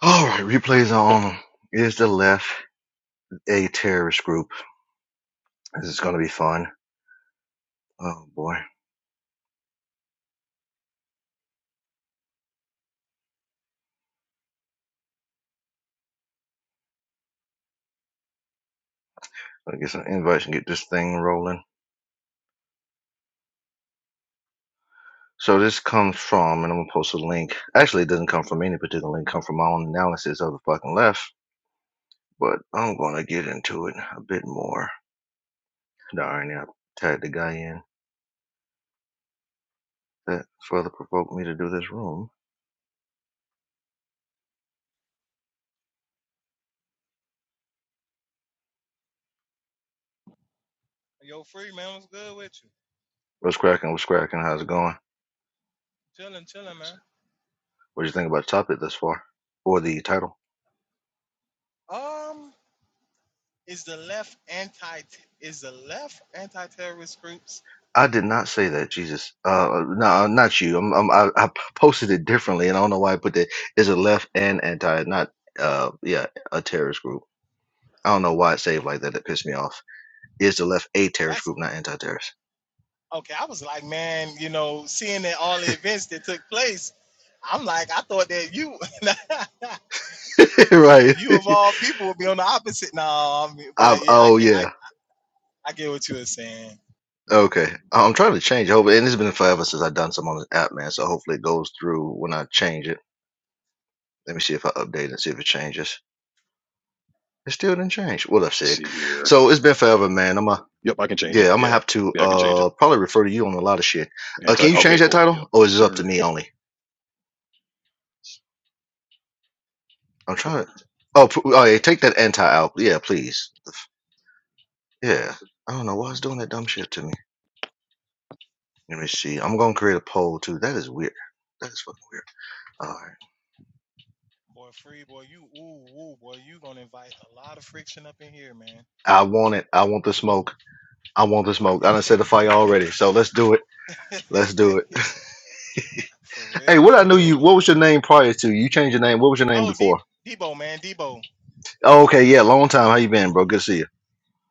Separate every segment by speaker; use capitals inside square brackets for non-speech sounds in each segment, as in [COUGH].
Speaker 1: All right, replays on. Is the left a terrorist group? This is going to be fun. Oh boy. Let me get some invites and get this thing rolling. So this comes from, and I'm gonna post a link. Actually, it doesn't come from any particular link. It Come from my own analysis of the fucking left. But I'm gonna get into it a bit more. Darn, yeah, I tagged the guy in that further provoked me to do this room.
Speaker 2: Yo, free man, what's good with you?
Speaker 1: What's cracking? What's cracking? How's it going?
Speaker 2: Chilling, chilling, man.
Speaker 1: What do you think about the topic thus far, or the title?
Speaker 2: Um, is the left anti is the left anti-terrorist groups?
Speaker 1: I did not say that, Jesus. Uh, no, not you. I'm, I'm, I, I posted it differently, and I don't know why I put that. It's a left and anti, not uh, yeah, a terrorist group. I don't know why it saved like that. It pissed me off. It's the left a terrorist
Speaker 2: That's
Speaker 1: group, not anti-terrorist.
Speaker 2: okay. I was like, man, you know, seeing that all the events that took place, I'm like, I thought that you, [LAUGHS]
Speaker 1: [LAUGHS] right.
Speaker 2: you of all people, would be on the opposite. No, I mean,
Speaker 1: I,
Speaker 2: but yeah, I
Speaker 1: oh
Speaker 2: get, I,
Speaker 1: yeah.
Speaker 2: I get what you were saying.
Speaker 1: Okay. I'm trying to change. Hope, and it's been forever since I've done some on this app, man. So hopefully it goes through when I change it. Let me see if I update and see if it changes. It still didn't change. What I've
Speaker 3: Let's
Speaker 1: said.
Speaker 3: see here.
Speaker 1: So it's been forever, man. I'm a
Speaker 3: Yep, I can change it.
Speaker 1: Yeah, I'm gonna
Speaker 3: Yeah.
Speaker 1: have to
Speaker 3: Yeah, I can change it.
Speaker 1: uh probably refer to you on a lot of shit. Uh,
Speaker 3: Anti
Speaker 1: can you change
Speaker 3: okay,
Speaker 1: that
Speaker 3: cool. Yep.
Speaker 1: title, or
Speaker 3: Yes,
Speaker 1: is it up to
Speaker 3: sir.
Speaker 1: me only? I'm trying. To... Oh, p- oh, yeah, take that anti out. Yeah, please. Yeah, I don't know why it's doing that dumb shit to me. Let me see. I'm gonna create a poll too. That is weird. That is fucking weird. All right.
Speaker 2: Boy, free boy, you ooh ooh boy, you gonna invite a lot of friction up in here, man.
Speaker 1: I want it. I want the smoke. I want the smoke. I
Speaker 2: Yeah,
Speaker 1: done set the fire already. So let's do it. Let's do it.
Speaker 2: [LAUGHS] for
Speaker 1: [LAUGHS] hey,
Speaker 2: real,
Speaker 1: what I
Speaker 2: for
Speaker 1: knew
Speaker 2: real,
Speaker 1: you. What
Speaker 2: man.
Speaker 1: was your name prior to you changed your name? What was your name
Speaker 2: Oh, De
Speaker 1: before?
Speaker 2: Debo, man, Debo,
Speaker 1: Oh, okay. Yeah, long time. How you been, bro? Good to see you.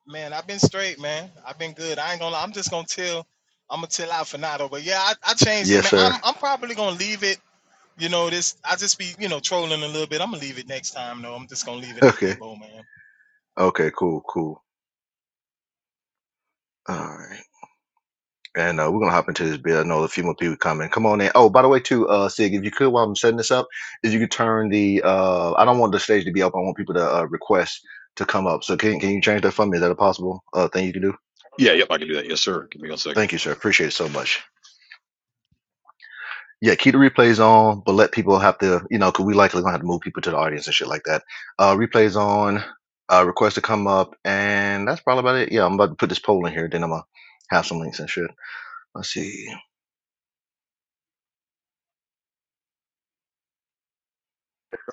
Speaker 2: man, I've been straight, man. I've been good. I ain't gonna. lie. I'm just gonna tell. I'm gonna tell out for Nado, but yeah, I, I changed it,
Speaker 1: Yes,
Speaker 2: man.
Speaker 1: sir.
Speaker 2: I'm
Speaker 1: [LAUGHS]
Speaker 2: I'm probably gonna leave it. You know, this I just be you know trolling a little bit. I'm gonna leave it next time though. I'm just gonna leave it at
Speaker 1: Okay.
Speaker 2: Debo, man.
Speaker 1: Okay. Cool. Cool. All right. And uh, we're gonna hop into this bit. I know a few more people coming. Come on in. Oh, by the way, too, uh, Sig, if you could, while I'm setting this up, if you could turn the, uh, I don't want the stage to be up. I want people to uh, request to come up. So can can you change that for me? Is that a possible uh, thing you can do?
Speaker 3: Yeah, yep, I can do that. Yes, sir. Give me one second.
Speaker 1: Thank you, sir. Appreciate it so much. Yeah, keep the replays on, but let people have to, you know, because we likely gonna have to move people to the audience and shit like that. Uh, replays on. Uh, request to come up, and that's probably about it. Yeah, I'm about to put this poll in here. Then I'm gonna have some links and shit. Let's see.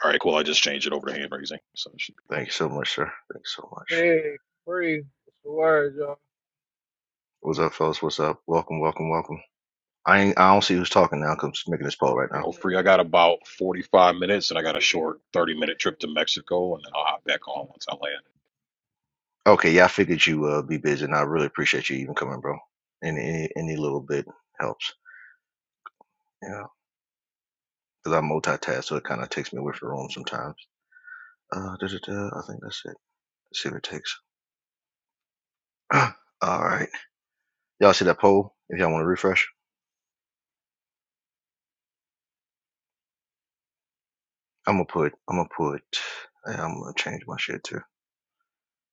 Speaker 3: All right, cool. I just changed it over to hand raising. So it should be good.
Speaker 1: Thank you so much, sir. Thanks so much.
Speaker 4: Hey, free. What's the word, y'all?
Speaker 1: What's up, fellas? What's up? Welcome, welcome, welcome. I ain't, I don't see who's talking now. Cause I'm just making this poll right
Speaker 3: Yeah,
Speaker 1: now.
Speaker 3: hopefully I got about forty five minutes and I got a short thirty minute trip to Mexico and then I'll hop back on once I land.
Speaker 1: Okay, yeah, I figured you uh, be busy, and I really appreciate you even coming, bro. And any any little bit helps, you know, because I multitask, so it kind of takes me away from the room sometimes. Uh, da-da-da, I think that's it. Let's see what it takes. [CLEARS THROAT] All right, y'all see that poll? If y'all want to refresh, I'm gonna put, I'm gonna put, yeah, I'm gonna change my shit too.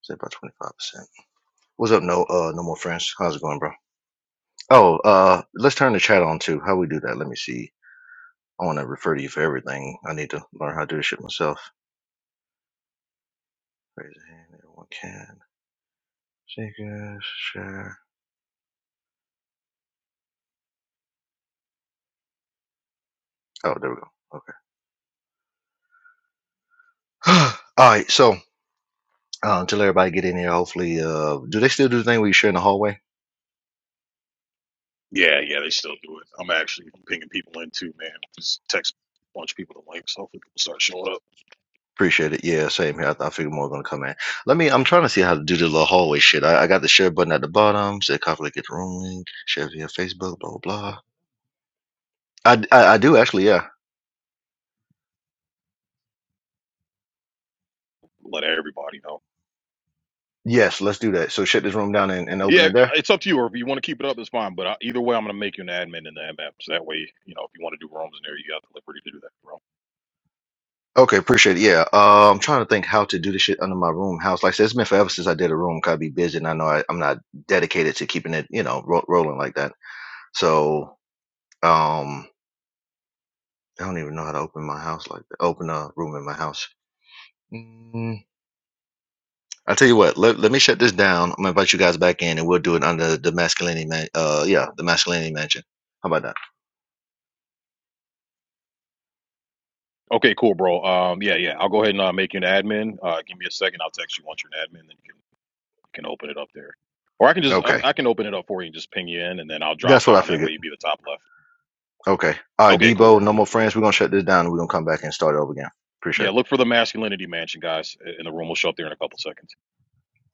Speaker 1: Say about twenty five percent. What's up? No, uh, no more friends. How's it going, bro? Oh, uh, let's turn the chat on too. How we do that? Let me see I want to refer to you for everything. I need to learn how to do this shit myself. Raise a hand, everyone can. Seekers, share. Oh, there we go. Okay. [SIGHS] [GASPS] All right, so uh, until everybody get in here, hopefully, uh, do they still do the thing where you share in the hallway?
Speaker 3: Yeah, yeah, they still do it. I'm actually pinging people in too, man. Just text a bunch of people the links. Hopefully people start showing up.
Speaker 1: Appreciate it. Yeah, same here. I, I figure more gonna come in. Let me. I'm trying to see how to do the little hallway shit. I, I got the share button at the bottom. Say copy get the room link. Share via Facebook. Blah blah. blah. I, I I do actually. Yeah.
Speaker 3: Let everybody know.
Speaker 1: Yes. Let's do that. So shut this room down and, and open
Speaker 3: Yeah,
Speaker 1: it there.
Speaker 3: it's up to you. Or if you want to keep it up, it's fine. But I, either way, I'm going to make you an admin in the MM. So that way, you know, if you want to do rooms in there, you got the liberty to do that, bro.
Speaker 1: Okay, appreciate it. Yeah, uh, I'm trying to think how to do this shit under my room house. Like I said, it's been forever since I did a room. 'cause I be busy, and I know I, I'm not dedicated to keeping it, you know, ro- rolling like that. So, um, I don't even know how to open my house like that. Open a room in my house. Mm, I tell you what, let, let me shut this down. I'm gonna invite you guys back in, and we'll do it under the masculinity man. Uh, yeah, the masculinity mansion. How about that?
Speaker 3: Okay, cool, bro. Um, yeah, yeah. I'll go ahead and uh, make you an admin. Uh, give me a second. I'll text you once you're an admin, then you can you can open it up there. Or I can just I,
Speaker 1: Okay,
Speaker 3: I can open it up for you and just ping you in, and then I'll drop
Speaker 1: that's what I
Speaker 3: down. That way,
Speaker 1: figured.
Speaker 3: you'd be the top left.
Speaker 1: Okay, all right,
Speaker 3: Okay, cool, bro.
Speaker 1: Debo, no more friends. We're gonna shut this down, and we're gonna come back and start it over again. Appreciate
Speaker 3: Yeah,
Speaker 1: it.
Speaker 3: look for the masculinity mansion, guys, and the room will show up there in a couple seconds.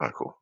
Speaker 1: All right, cool.